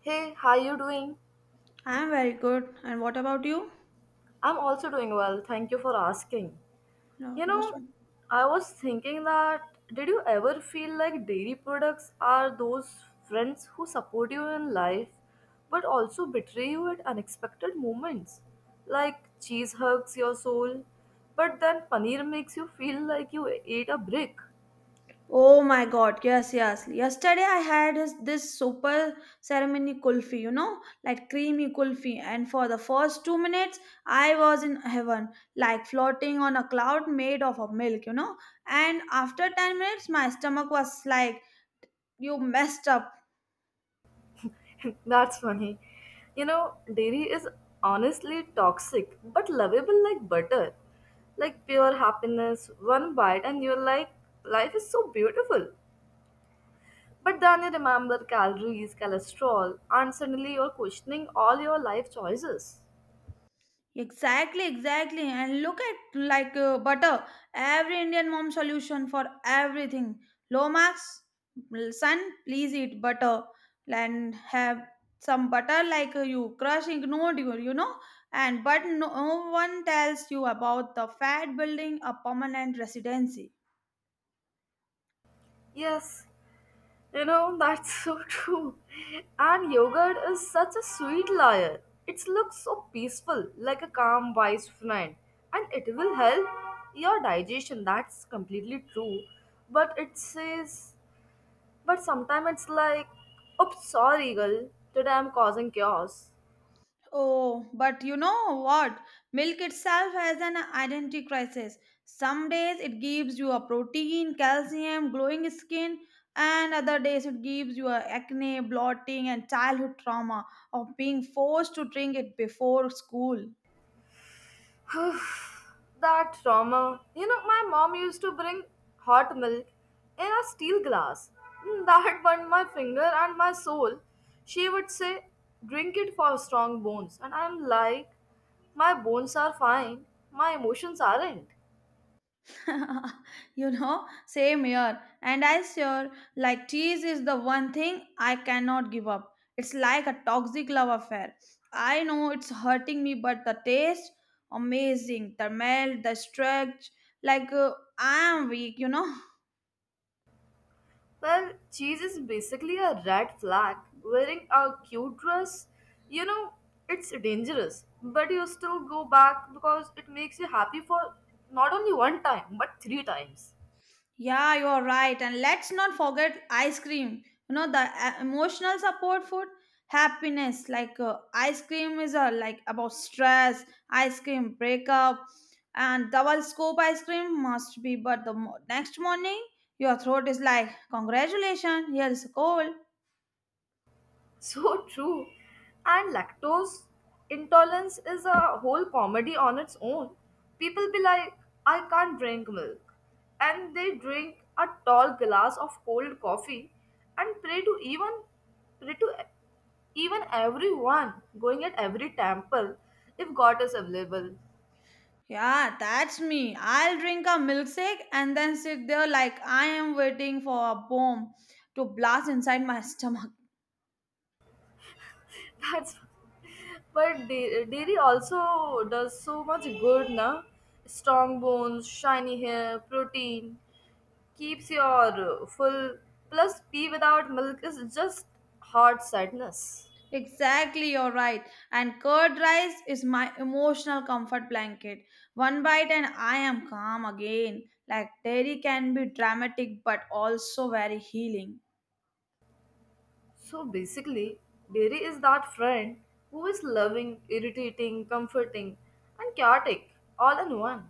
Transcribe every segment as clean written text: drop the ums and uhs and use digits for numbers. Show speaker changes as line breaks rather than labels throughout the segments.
Hey, how you doing?
I'm very good. And what about you?
I'm also doing well. Thank you for asking.
No,
You
most
know,
one.
I was thinking that did you ever feel like dairy products are those friends who support you in life but also betray you at unexpected moments? Like cheese hugs your soul, but then paneer makes you feel like you ate a brick.
Oh my God! Yes, yes. Yesterday I had this super ceremony kulfi, like creamy kulfi, and for the first 2 minutes I was in heaven, like floating on a cloud made of a milk. And after 10 minutes, my stomach was like, "You messed up."
That's funny. You know, dairy is honestly toxic, but lovable like butter. Like pure happiness, one bite, and you're like, life is so beautiful. But then you remember calories, cholesterol, and suddenly you're questioning all your life choices.
Exactly, exactly. And look at like butter, every Indian mom solution for everything. Low Lomax, son, please eat butter and have some butter like you crush ignored you, you know. And but no, no one tells you about the fat building a permanent residency.
Yes, you know, that's so true. And yogurt is such a sweet liar. It looks so peaceful, like a calm, wise friend. And it will help your digestion, that's completely true. But it says, but sometimes it's like, oops, sorry, girl, today I'm causing chaos.
Oh, but you know what? Milk itself has an identity crisis. Some days it gives you a protein, calcium, glowing skin, and other days it gives you a acne, blotting, and childhood trauma of being forced to drink it before school.
Oof, that trauma. You know, my mom used to bring hot milk in a steel glass. That burned my finger and my soul. She would say, drink it for strong bones. And I'm like, my bones are fine, my emotions aren't.
Same here. And I sure like cheese is the one thing I cannot give up. It's like a toxic love affair. I know it's hurting me, but the taste, amazing. The melt, the stretch, like I am weak.
Well, cheese is basically a red flag. Wearing a cute dress, you know, it's dangerous. But you still go back because it makes you happy for not only one time, but three times.
Yeah, you're right. And let's not forget ice cream. The emotional support food, happiness. Like ice cream is like about stress, ice cream breakup, and double scoop ice cream must be. But the next morning, your throat is like, congratulations, here is a cold.
So true. And lactose intolerance is a whole comedy on its own. People be like, I can't drink milk. And they drink a tall glass of cold coffee and pray to even everyone going at every temple if God is available.
Yeah, that's me. I'll drink a milkshake and then sit there like I am waiting for a bomb to blast inside my stomach.
That's but dairy also does so much good, na? Strong bones, shiny hair, protein. Keeps your full plus tea without milk is just hard sadness.
Exactly, you're right. And curd rice is my emotional comfort blanket. One bite and I am calm again. Like dairy can be dramatic but also very healing.
So basically dairy is that friend who is loving irritating comforting and chaotic all in one.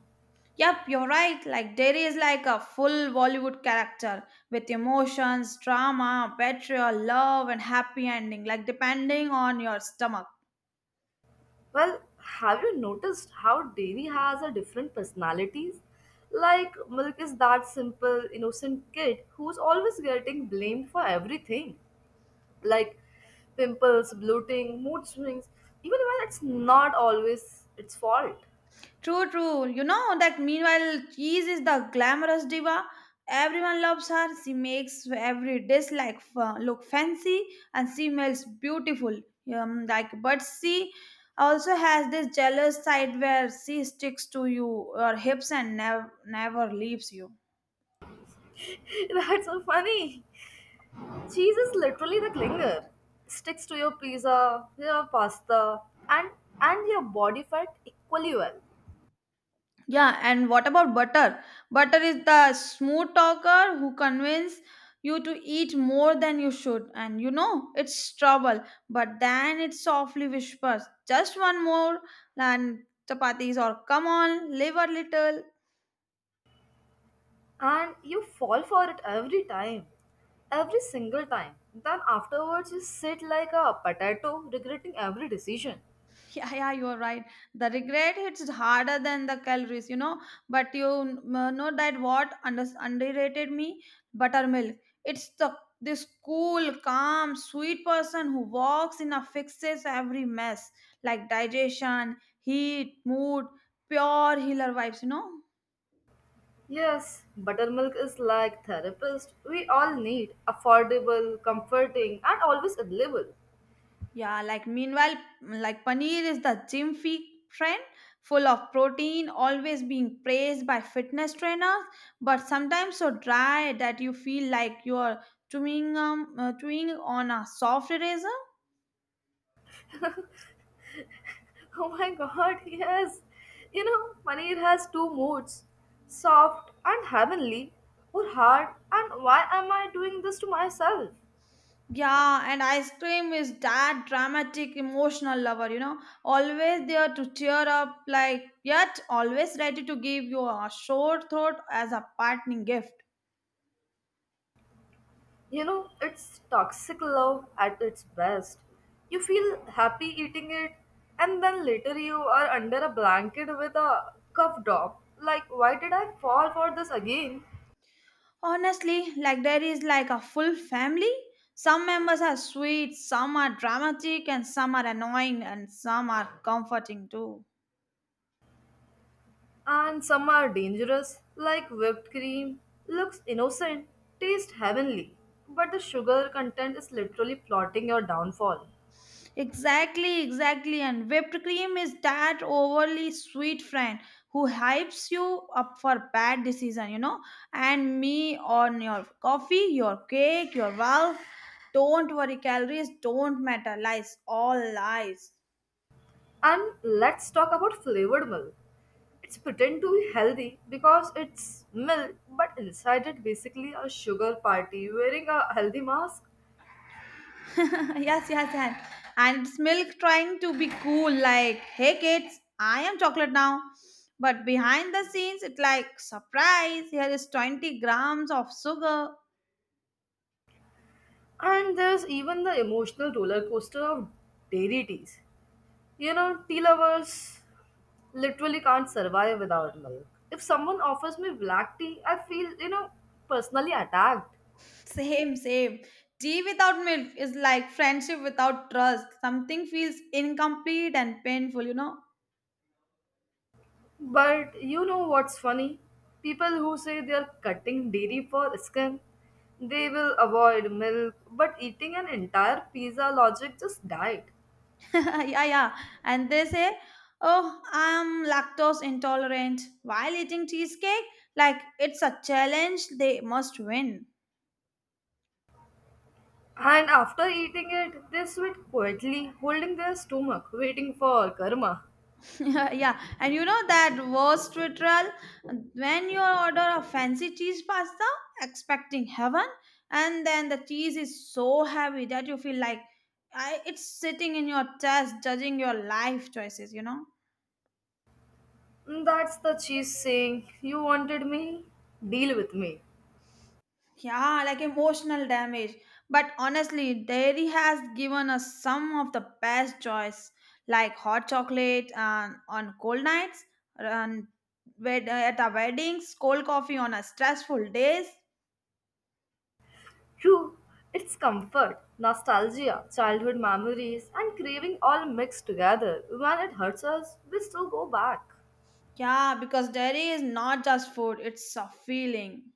Yep, you're right. Like dairy is like a full Bollywood character with emotions, drama, betrayal, love, and happy ending, like depending on your stomach.
Well, have you noticed how dairy has a different personalities? Like milk is that simple innocent kid who's always getting blamed for everything like pimples, bloating, mood swings, even when it's not always its fault.
True, true. You know that meanwhile, cheese is the glamorous diva. Everyone loves her. She makes every dish like look fancy, and she smells beautiful. Like, but she also has this jealous side where she sticks to you, your hips, and never leaves you.
That's so funny. Cheese is literally the clinger. Sticks to your pizza, your pasta, and and your body fat equally well.
Yeah, and what about butter? Butter is the smooth talker who convinces you to eat more than you should, and you know it's trouble, but then it softly whispers, "Just one more, and chapatis, or come on, live a little."
And you fall for it every time. Every single time. Then afterwards you sit like a potato regretting every decision.
Yeah, yeah, you are right. The regret hits harder than the calories. But you know that what underrated me? Buttermilk. It's the this cool, calm, sweet person who walks in a fixes every mess like digestion, heat, mood, pure healer vibes.
Yes, buttermilk is like therapist. We all need affordable, comforting, and always available.
Yeah, like meanwhile, like paneer is the gym fee trend, full of protein, always being praised by fitness trainers, but sometimes so dry that you feel like you're chewing on a soft eraser.
Oh my god, yes. You know, paneer has two moods, soft and heavenly, or hard, and why am I doing this to myself?
Yeah, and ice cream is that dramatic, emotional lover, always there to cheer up, like yet always ready to give you a short thought as a parting gift.
You know, it's toxic love at its best. You feel happy eating it, and then later you are under a blanket with a cup drop. Like, why did I fall for this again?
Honestly, like there is like a full family. Some members are sweet, some are dramatic, and some are annoying, and some are comforting too.
And some are dangerous, like whipped cream. Looks innocent, tastes heavenly, but the sugar content is literally plotting your downfall.
Exactly, exactly. And whipped cream is that overly sweet friend who hypes you up for bad decision. And me on your coffee, your cake, your valve. Don't worry, calories don't matter. Lies, all lies.
And let's talk about flavored milk. It's pretend to be healthy because it's milk, but inside it basically a sugar party wearing a healthy mask.
Yes, yes, and it's milk trying to be cool, like, hey kids, I am chocolate now. But behind the scenes, it's like surprise, here is 20 grams of sugar.
And there's even the emotional roller coaster of dairy teas. You know, tea lovers literally can't survive without milk. If someone offers me black tea, I feel, you know, personally attacked.
Same, same. Tea without milk is like friendship without trust. Something feels incomplete and painful, you know?
But you know what's funny? People who say they are cutting dairy for skin, they will avoid milk, but eating an entire pizza logic just died.
Yeah, yeah. And they say, oh, I'm lactose intolerant. While eating cheesecake, like it's a challenge they must win.
And after eating it, they sit quietly, holding their stomach, waiting for karma.
Yeah, and you know that worst ritual when you order a fancy cheese pasta, expecting heaven, and then the cheese is so heavy that you feel like it's sitting in your chest, judging your life choices, you know?
That's the cheese saying, you wanted me? Deal with me.
Yeah, like emotional damage. But honestly, dairy has given us some of the best joys, like hot chocolate and on cold nights, and at our weddings, cold coffee on our stressful days.
True, it's comfort, nostalgia, childhood memories, and craving all mixed together. When it hurts us, we still go back.
Yeah, because dairy is not just food, it's a feeling.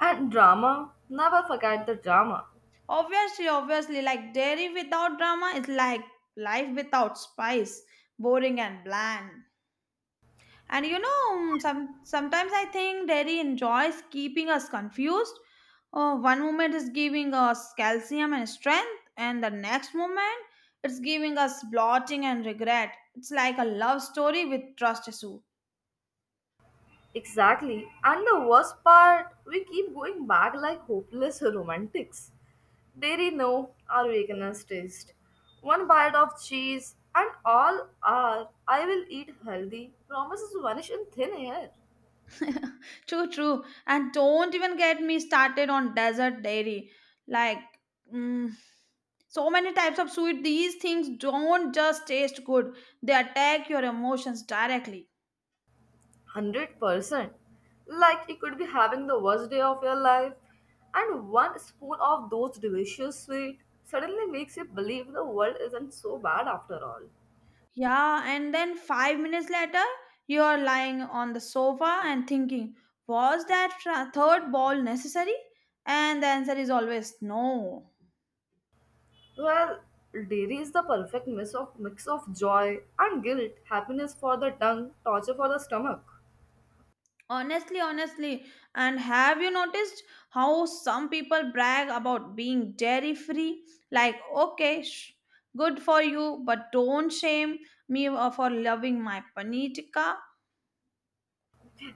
And drama, never forget the drama.
Obviously, obviously, like dairy without drama is like life without spice, boring and bland. And sometimes I think dairy enjoys keeping us confused. Oh, one moment is giving us calcium and strength, and the next moment it's giving us bloating and regret. It's like a love story with trust issue.
Exactly. And the worst part, we keep going back like hopeless romantics. They no our weakness taste. One bite of cheese and all are I will eat healthy promises vanish in thin air.
True, true. And don't even get me started on desert dairy. Like, mm, so many types of sweet. These things don't just taste good, they attack your emotions directly.
100%. Like you could be having the worst day of your life, and one spoon of those delicious sweet suddenly makes you believe the world isn't so bad after all.
Yeah, and then 5 minutes later, you are lying on the sofa and thinking, was that third ball necessary? And the answer is always no.
Well, dairy is the perfect mix of joy and guilt, happiness for the tongue, torture for the stomach.
Honestly, honestly, and have you noticed how some people brag about being dairy free? Like, okay, good for you, but don't shame me for loving my paneer tikka.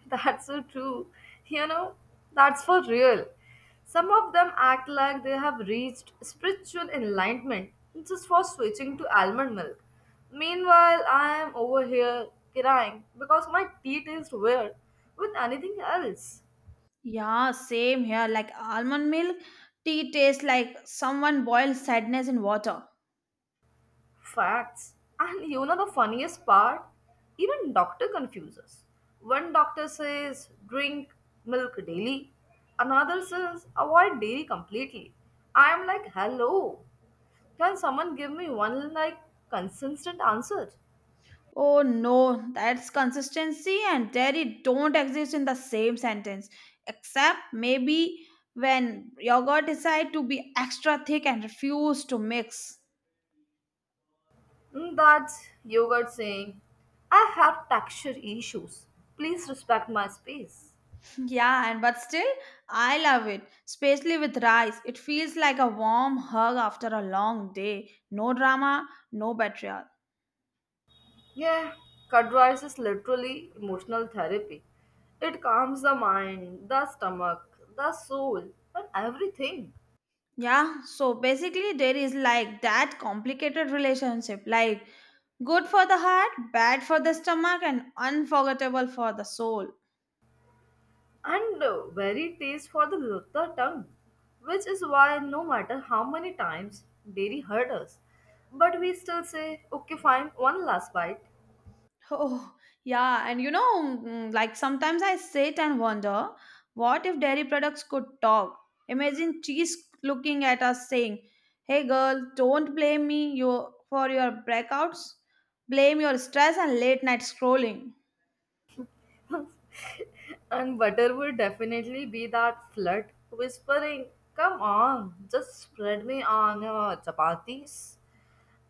That's so true. You know, that's for real. Some of them act like they have reached spiritual enlightenment just for switching to almond milk. Meanwhile, I am over here crying because my tea tastes weird with anything else.
Yeah, same here. Like almond milk, tea tastes like someone boiled sadness in water.
Facts. And you know the funniest part? Even doctor confuses. One doctor says drink milk daily, another says avoid dairy completely. I'm like, hello. Can someone give me one like consistent answer?
Oh no, that's consistency and dairy don't exist in the same sentence, except maybe when yogurt decide to be extra thick and refuse to mix.
That's yogurt saying, I have texture issues. Please respect my space.
Yeah, and but still, I love it, especially with rice. It feels like a warm hug after a long day. No drama, no betrayal.
Yeah, curd rice is literally emotional therapy. It calms the mind, the stomach, the soul, and everything.
Yeah, so basically, dairy is like that complicated relationship, like good for the heart, bad for the stomach, and unforgettable for the soul.
And very taste for the tongue, which is why no matter how many times dairy hurt us, but we still say, okay, fine, one last bite.
Oh, yeah. And like sometimes I sit and wonder, what if dairy products could talk? Imagine cheese looking at us saying, "Hey girl, don't blame me you for your breakouts. Blame your stress and late night scrolling."
And butter would definitely be that flirt whispering, come on, just spread me on your chapatis.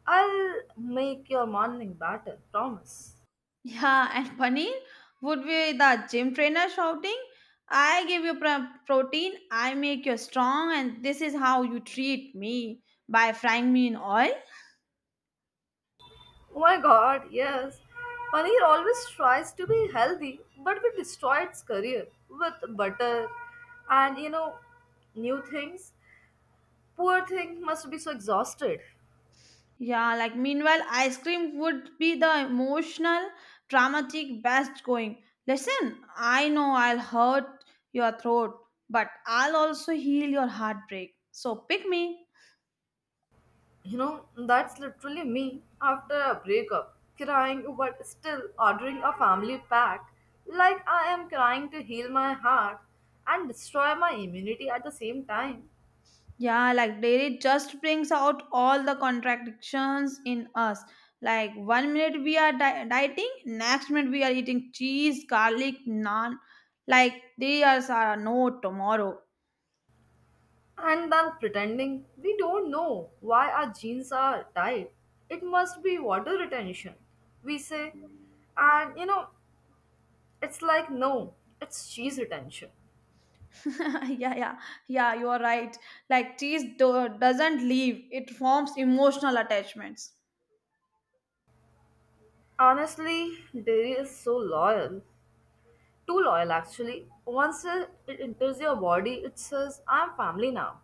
I'll make your morning batter, promise.
Yeah, and paneer would be the gym trainer shouting, "I give you protein, I make you strong, and this is how you treat me by frying me in oil."
Oh my god, yes. Paneer always tries to be healthy, but we destroy its career with butter and you know, new things. Poor thing must be so exhausted.
Yeah, like meanwhile, ice cream would be the emotional, dramatic best going. "Listen, I know I'll hurt your throat, but I'll also heal your heartbreak. So pick me."
You know, that's literally me after a breakup, crying but still ordering a family pack, like I am crying to heal my heart and destroy my immunity at the same time.
Yeah, like dairy just brings out all the contradictions in us. Like 1 minute we are dieting, next minute we are eating cheese, garlic, naan. Like there are no tomorrow.
And then pretending we don't know why our jeans are tight. It must be water retention, we say. And you know, it's like no, it's cheese retention.
Yeah, yeah, yeah, you are right. Like tease doesn't leave, it forms emotional attachments.
Honestly, dairy is so loyal. Too loyal, actually. Once it enters your body, it says, I'm family now.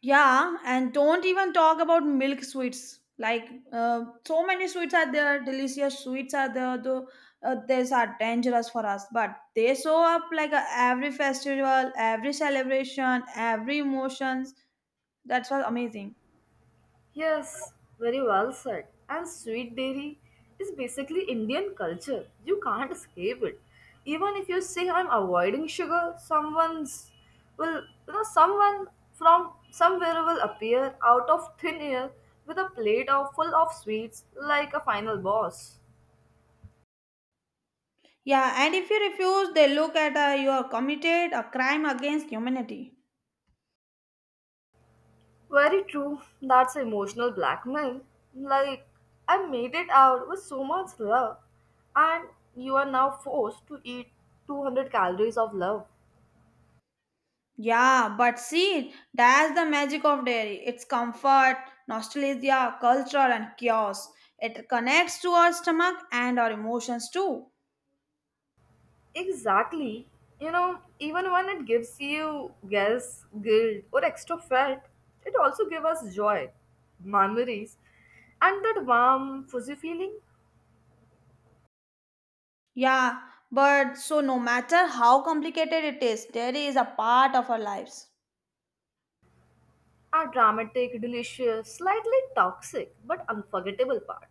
Yeah, and don't even talk about milk sweets. Like uh, so many sweets are there, delicious sweets are there, though these are dangerous for us, but they show up like every festival, every celebration, every emotions. That's what amazing.
Yes, very well said. And sweet dairy is basically Indian culture. You can't escape it. Even if you say I'm avoiding sugar, someone's will you know someone from somewhere will appear out of thin air with a plate of full of sweets like a final boss.
Yeah, and if you refuse, they look at you are committed a crime against humanity.
Very true. That's emotional blackmail. Like, I made it out with so much love, and you are now forced to eat 200 calories of love.
Yeah, but see, that's the magic of dairy. It's comfort, nostalgia, culture, and chaos. It connects to our stomach and our emotions too.
Exactly. You know, even when it gives you guilt, or extra fat, it also gives us joy, memories, and that warm, fuzzy feeling.
Yeah, but so no matter how complicated it is, dairy is a part of our lives.
A dramatic, delicious, slightly toxic, but unforgettable part.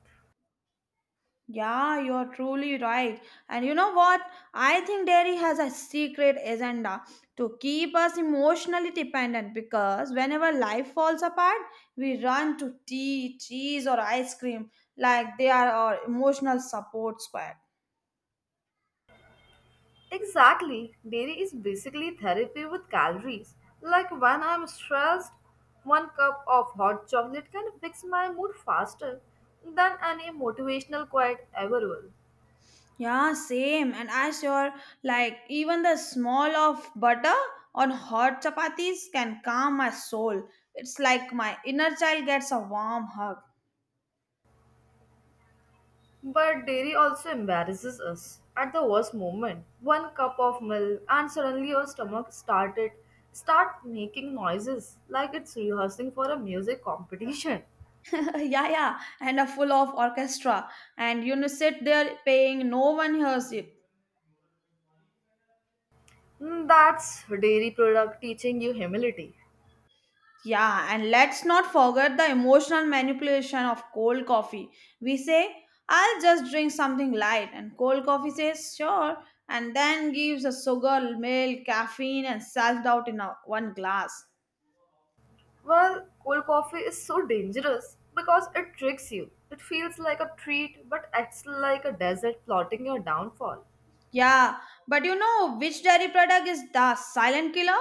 Yeah, you're truly right. And you know what? I think dairy has a secret agenda to keep us emotionally dependent because whenever life falls apart, we run to tea, cheese, or ice cream like they are our emotional support squad.
Exactly. Dairy is basically therapy with calories. Like when I'm stressed, one cup of hot chocolate can fix my mood faster than any motivational quote ever will.
Yeah, same. And I sure like even the smell of butter on hot chapatis can calm my soul. It's like my inner child gets a warm hug.
But dairy also embarrasses us at the worst moment. One cup of milk and suddenly your stomach started start making noises like it's rehearsing for a music competition.
Yeah, yeah, and a full of orchestra and sit there paying no one hears it.
That's dairy product teaching you humility.
Yeah, and let's not forget the emotional manipulation of cold coffee, we say I'll just drink something light and cold coffee says sure and then gives us sugar milk caffeine and self-doubt in one glass.
Well, cold coffee is so dangerous because it tricks you. It feels like a treat but acts like a desert plotting your downfall.
Yeah, but you know which dairy product is the silent killer?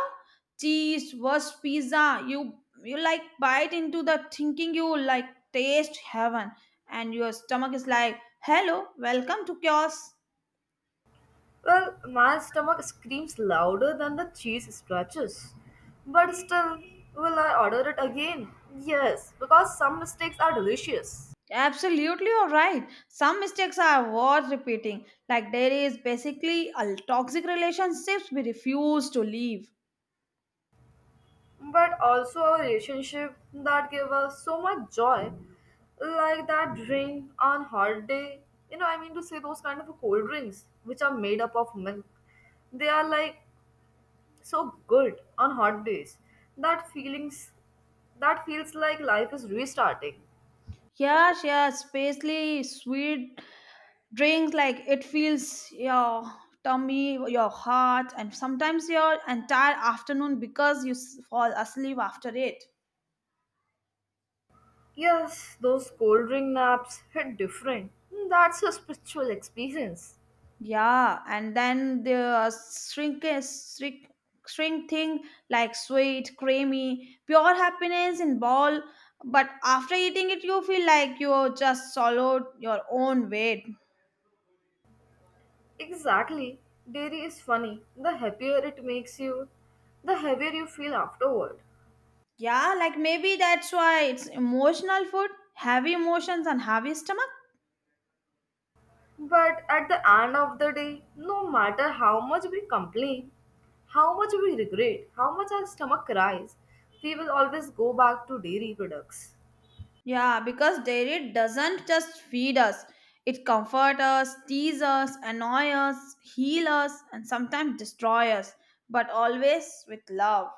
Cheese, worst pizza. You like bite into the thinking you like taste heaven, and your stomach is like, "Hello, welcome to chaos."
Well, my stomach screams louder than the cheese stretches. But still, will I order it again? Yes, because some mistakes are delicious.
Absolutely, you're right. Some mistakes are worth repeating. Like dairy is basically a toxic relationships we refuse to leave.
But also a relationship that gave us so much joy, like that drink on hot day. You know, I mean to say those kind of cold drinks which are made up of milk. They are like so good on hot days. That feelings, that feels like life is restarting.
Yes, yes, especially sweet drink like it feels your tummy, your heart, and sometimes your entire afternoon because you fall asleep after it.
Yes, those cold drink naps hit different. That's a spiritual experience.
Yeah, and then the shrink, shrink, shrink thing like sweet, creamy, pure happiness in ball. But after eating it, you feel like you just swallowed your own weight.
Exactly. Dairy is funny. The happier it makes you, the heavier you feel afterward.
Yeah, like maybe that's why it's emotional food, heavy emotions and heavy stomach.
But at the end of the day, no matter how much we complain, how much we regret, how much our stomach cries, we will always go back to dairy products.
Yeah, because dairy doesn't just feed us, it comforts us, teases us, annoys us, heals us, and sometimes destroys us, but always with love.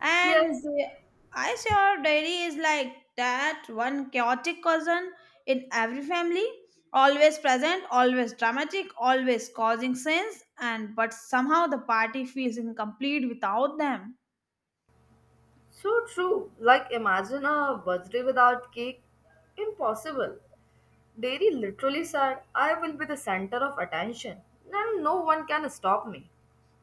And
Yes,
the- I sure dairy is like that one chaotic cousin in every family, always present, always dramatic, always causing scenes, and but somehow the party feels incomplete without them.
so true. Like imagine a birthday without cake. Impossible. Dairy literally said, I will be the center of attention and no one can stop me.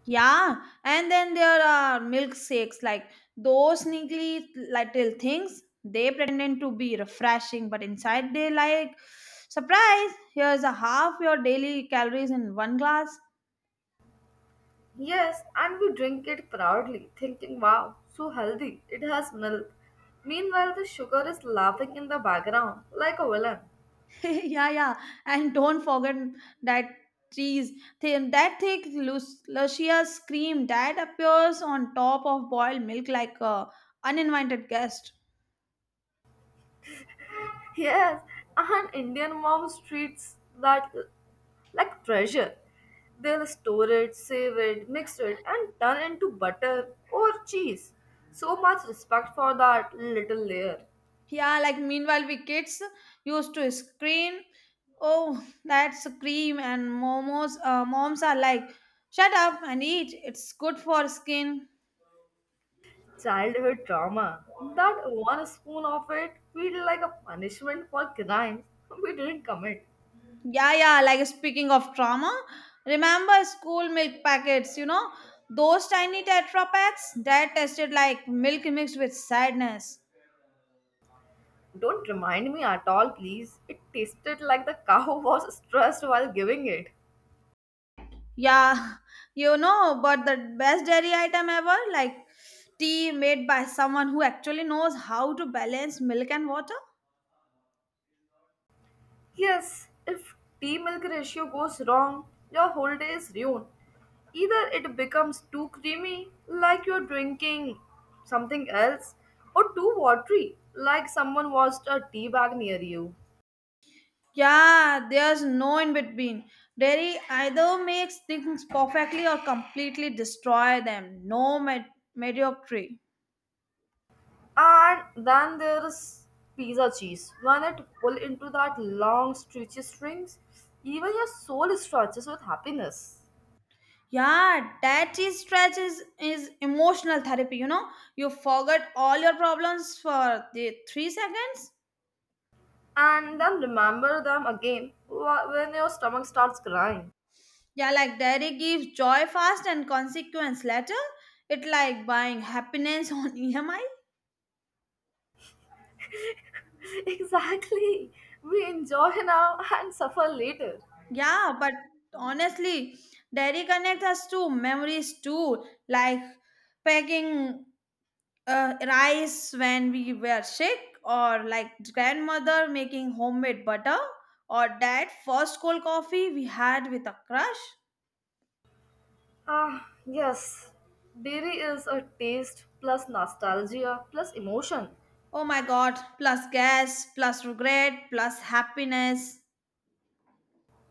Yeah, and then there are milkshakes, like those sneaky little things. They pretend to be refreshing, but inside they like, surprise, here's a half your daily calories in one glass.
Yes, and we drink it proudly, thinking, wow, so healthy, it has milk. Meanwhile, the sugar is laughing in the background like a villain.
Yeah, And don't forget that cheese, thin, that thick, luscious cream that appears on top of boiled milk like a uninvited guest.
Yes, and Indian moms treats that like treasure. They'll store it, save it, mix it, and turn into butter or cheese. So much respect for that little layer.
Yeah, like meanwhile, we kids used to scream, "Oh, that's cream!" And momos. Moms are like, "Shut up and eat. It's good for skin."
Childhood trauma. That one spoon of it feel like a punishment for crimes we didn't commit.
Yeah, yeah. Like speaking of trauma, remember school milk packets? Those tiny Tetra packs that tasted like milk mixed with sadness.
Don't remind me at all, please. It tasted like the cow was stressed while giving it.
Yeah, but the best dairy item ever, like tea made by someone who actually knows how to balance milk and water.
Yes, if tea milk ratio goes wrong, your whole day is ruined. Either it becomes too creamy, like you're drinking something else, or too watery, like someone washed a tea bag near you.
Yeah, there's no in between. Dairy either makes things perfectly or completely destroy them. No med- mediocrity.
And then there's pizza cheese. When it pull into that long stretchy strings, even your soul stretches with happiness.
Yeah, that is stretch is emotional therapy, you know. You forget all your problems for the three seconds.
And then remember them again when your stomach starts crying.
Yeah, like dairy gives joy fast and consequence later. It like buying happiness on EMI.
Exactly. We enjoy now and suffer later.
Yeah, but honestly, dairy connects us to memories too, like packing rice when we were sick, or like grandmother making homemade butter, or dad first cold coffee we had with a crush.
Ah, yes. Dairy is a taste plus nostalgia plus emotion.
Oh my god, plus gas, plus regret, plus happiness.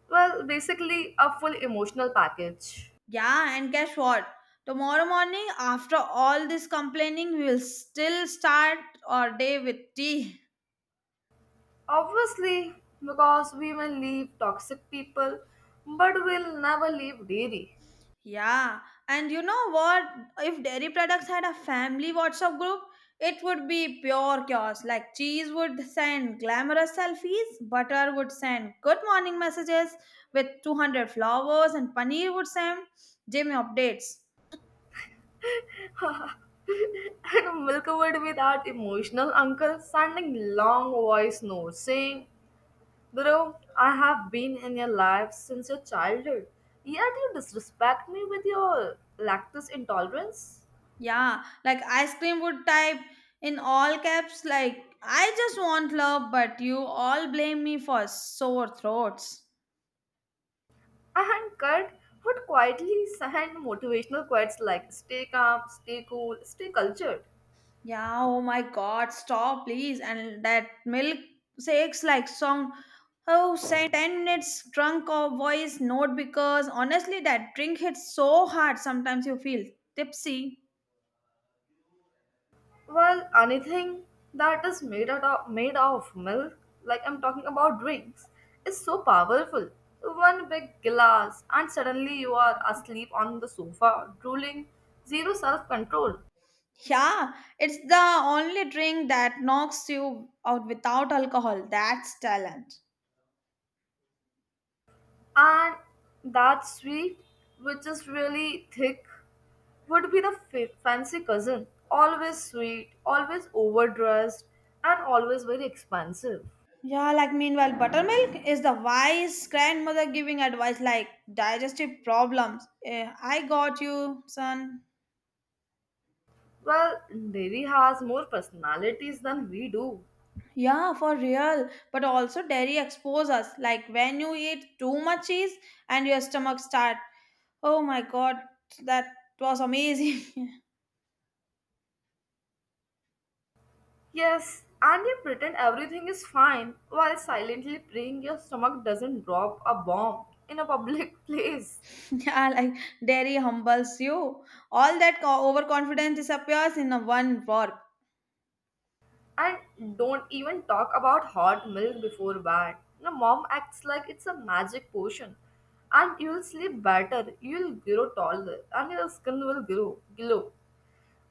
Well, basically, a full emotional package.
Yeah, and guess what? Tomorrow morning, after all this complaining, we will still start our day with tea.
Obviously, because we may leave toxic people, but we'll never leave dairy.
Yeah, and you know what? If dairy products had a family WhatsApp group, it would be pure chaos. Like cheese would send glamorous selfies, butter would send good morning messages with 200 flowers, and paneer would send Jimmy updates.
And milk-covered with that emotional uncle sending long voice notes saying, bro, I have been in your life since your childhood, yet you disrespect me with your lactose intolerance.
Yeah, like ice cream would type in all caps, like I just want love, but you all blame me for sore throats.
And Kurt would quietly send motivational quotes like, stay calm, stay cool, stay cultured.
Yeah, oh my god, stop please. And that milk shakes like song. Oh, send 10 minutes drunk or voice note because honestly, that drink hits so hard sometimes you feel tipsy.
Well, anything that is made out of made of milk, like I'm talking about drinks, is so powerful. One big glass, and suddenly you are asleep on the sofa, drooling, zero self control.
Yeah, it's the only drink that knocks you out without alcohol. That's talent.
And that sweet, which is really thick, would be the fancy cousin. Always sweet, always overdressed, and always very expensive.
Yeah, like meanwhile, buttermilk is the wise grandmother giving advice like digestive problems. Eh, I got you, son.
Well, dairy has more personalities than we do.
Yeah, for real. But also dairy expose us. Like when you eat too much cheese and your stomach start. Oh my god, that was amazing.
Yes, and you pretend everything is fine while silently praying your stomach doesn't drop a bomb in a public place.
yeah, like dairy humbles you. All that overconfidence disappears in a one warp.
And don't even talk about hot milk before bed. Your mom acts like it's a magic potion. And you'll sleep better, you'll grow taller, and your skin will grow, glow.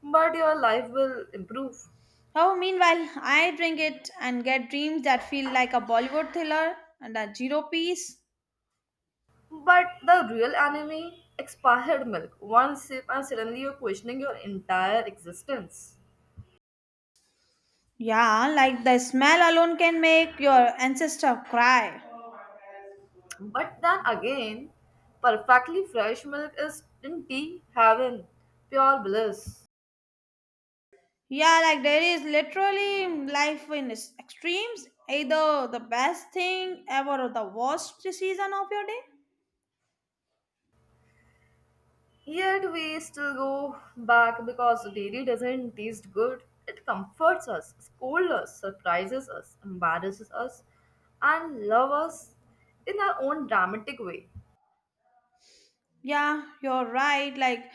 But your life will improve.
Oh, meanwhile, I drink it and get dreams that feel like a Bollywood thriller and a zero piece.
But the real enemy, expired milk. One sip, and suddenly you're questioning your entire existence.
Yeah, like the smell alone can make your ancestor cry.
But then again, perfectly fresh milk is in tea heaven, pure bliss.
Yeah, like there is literally life in its extremes, either the best thing ever or the worst season of your day.
Yet we still go back because dairy doesn't taste good. It comforts us, scolds us, surprises us, embarrasses us, and loves us in our own dramatic way.
Yeah, you're right. Like,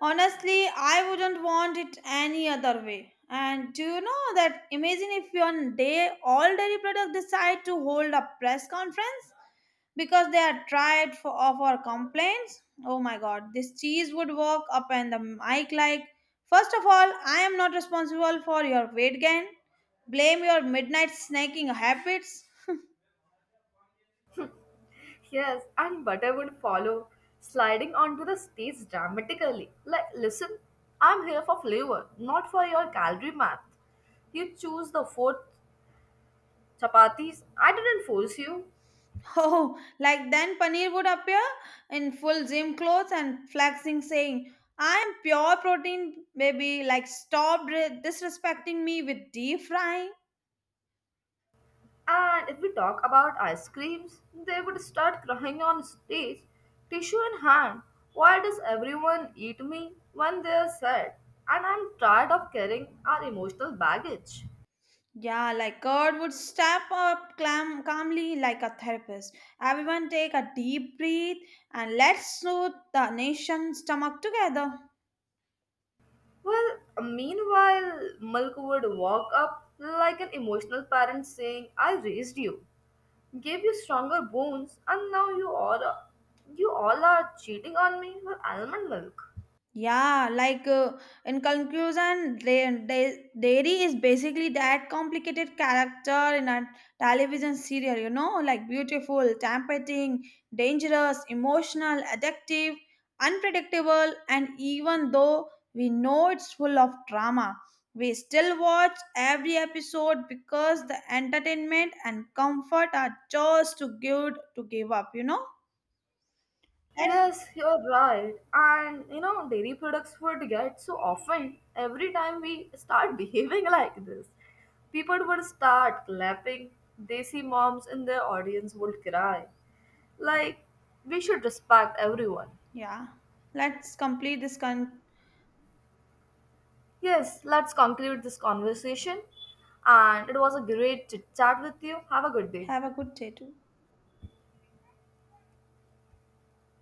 honestly, I wouldn't want it any other way. And do you know that imagine if one day all dairy products decide to hold a press conference? Because they are tired of our complaints. Oh my god, this cheese would walk up and the mic like, first of all, I am not responsible for your weight gain. Blame your midnight snacking habits.
Yes, and butter would follow, sliding onto the stage dramatically. Like, listen, I'm here for flavor, not for your calorie math. You choose the fourth chapatis, I didn't force you.
Oh, like then Paneer would appear in full gym clothes and flexing, saying, I am pure protein, baby. Like, stop disrespecting me with deep frying.
And if we talk about ice creams, they would start crying on stage, tissue in hand. Why does everyone eat me when they are sad? And I'm tired of carrying our emotional baggage.
Yeah, like God would step up calmly like a therapist. Everyone take a deep breath and let's soothe the nation's stomach together.
Well, meanwhile, milk would walk up like an emotional parent saying, I raised you, gave you stronger bones, and now you all are cheating on me with almond milk.
Yeah, like in conclusion, dairy is basically that complicated character in a television serial, you know, like beautiful, tempting, dangerous, emotional, addictive, unpredictable, and even though we know it's full of drama, we still watch every episode because the entertainment and comfort are just too good to give up, you know? Yes.
Yes, you're right. And you know, dairy products would get so often every time we start behaving like this. People would start clapping. Desi moms in their audience would cry. Like, we should respect everyone.
Yeah, let's complete this con-
Yes, let's conclude this conversation. And it was a great chit chat with you. Have a good day.
Have a good day too.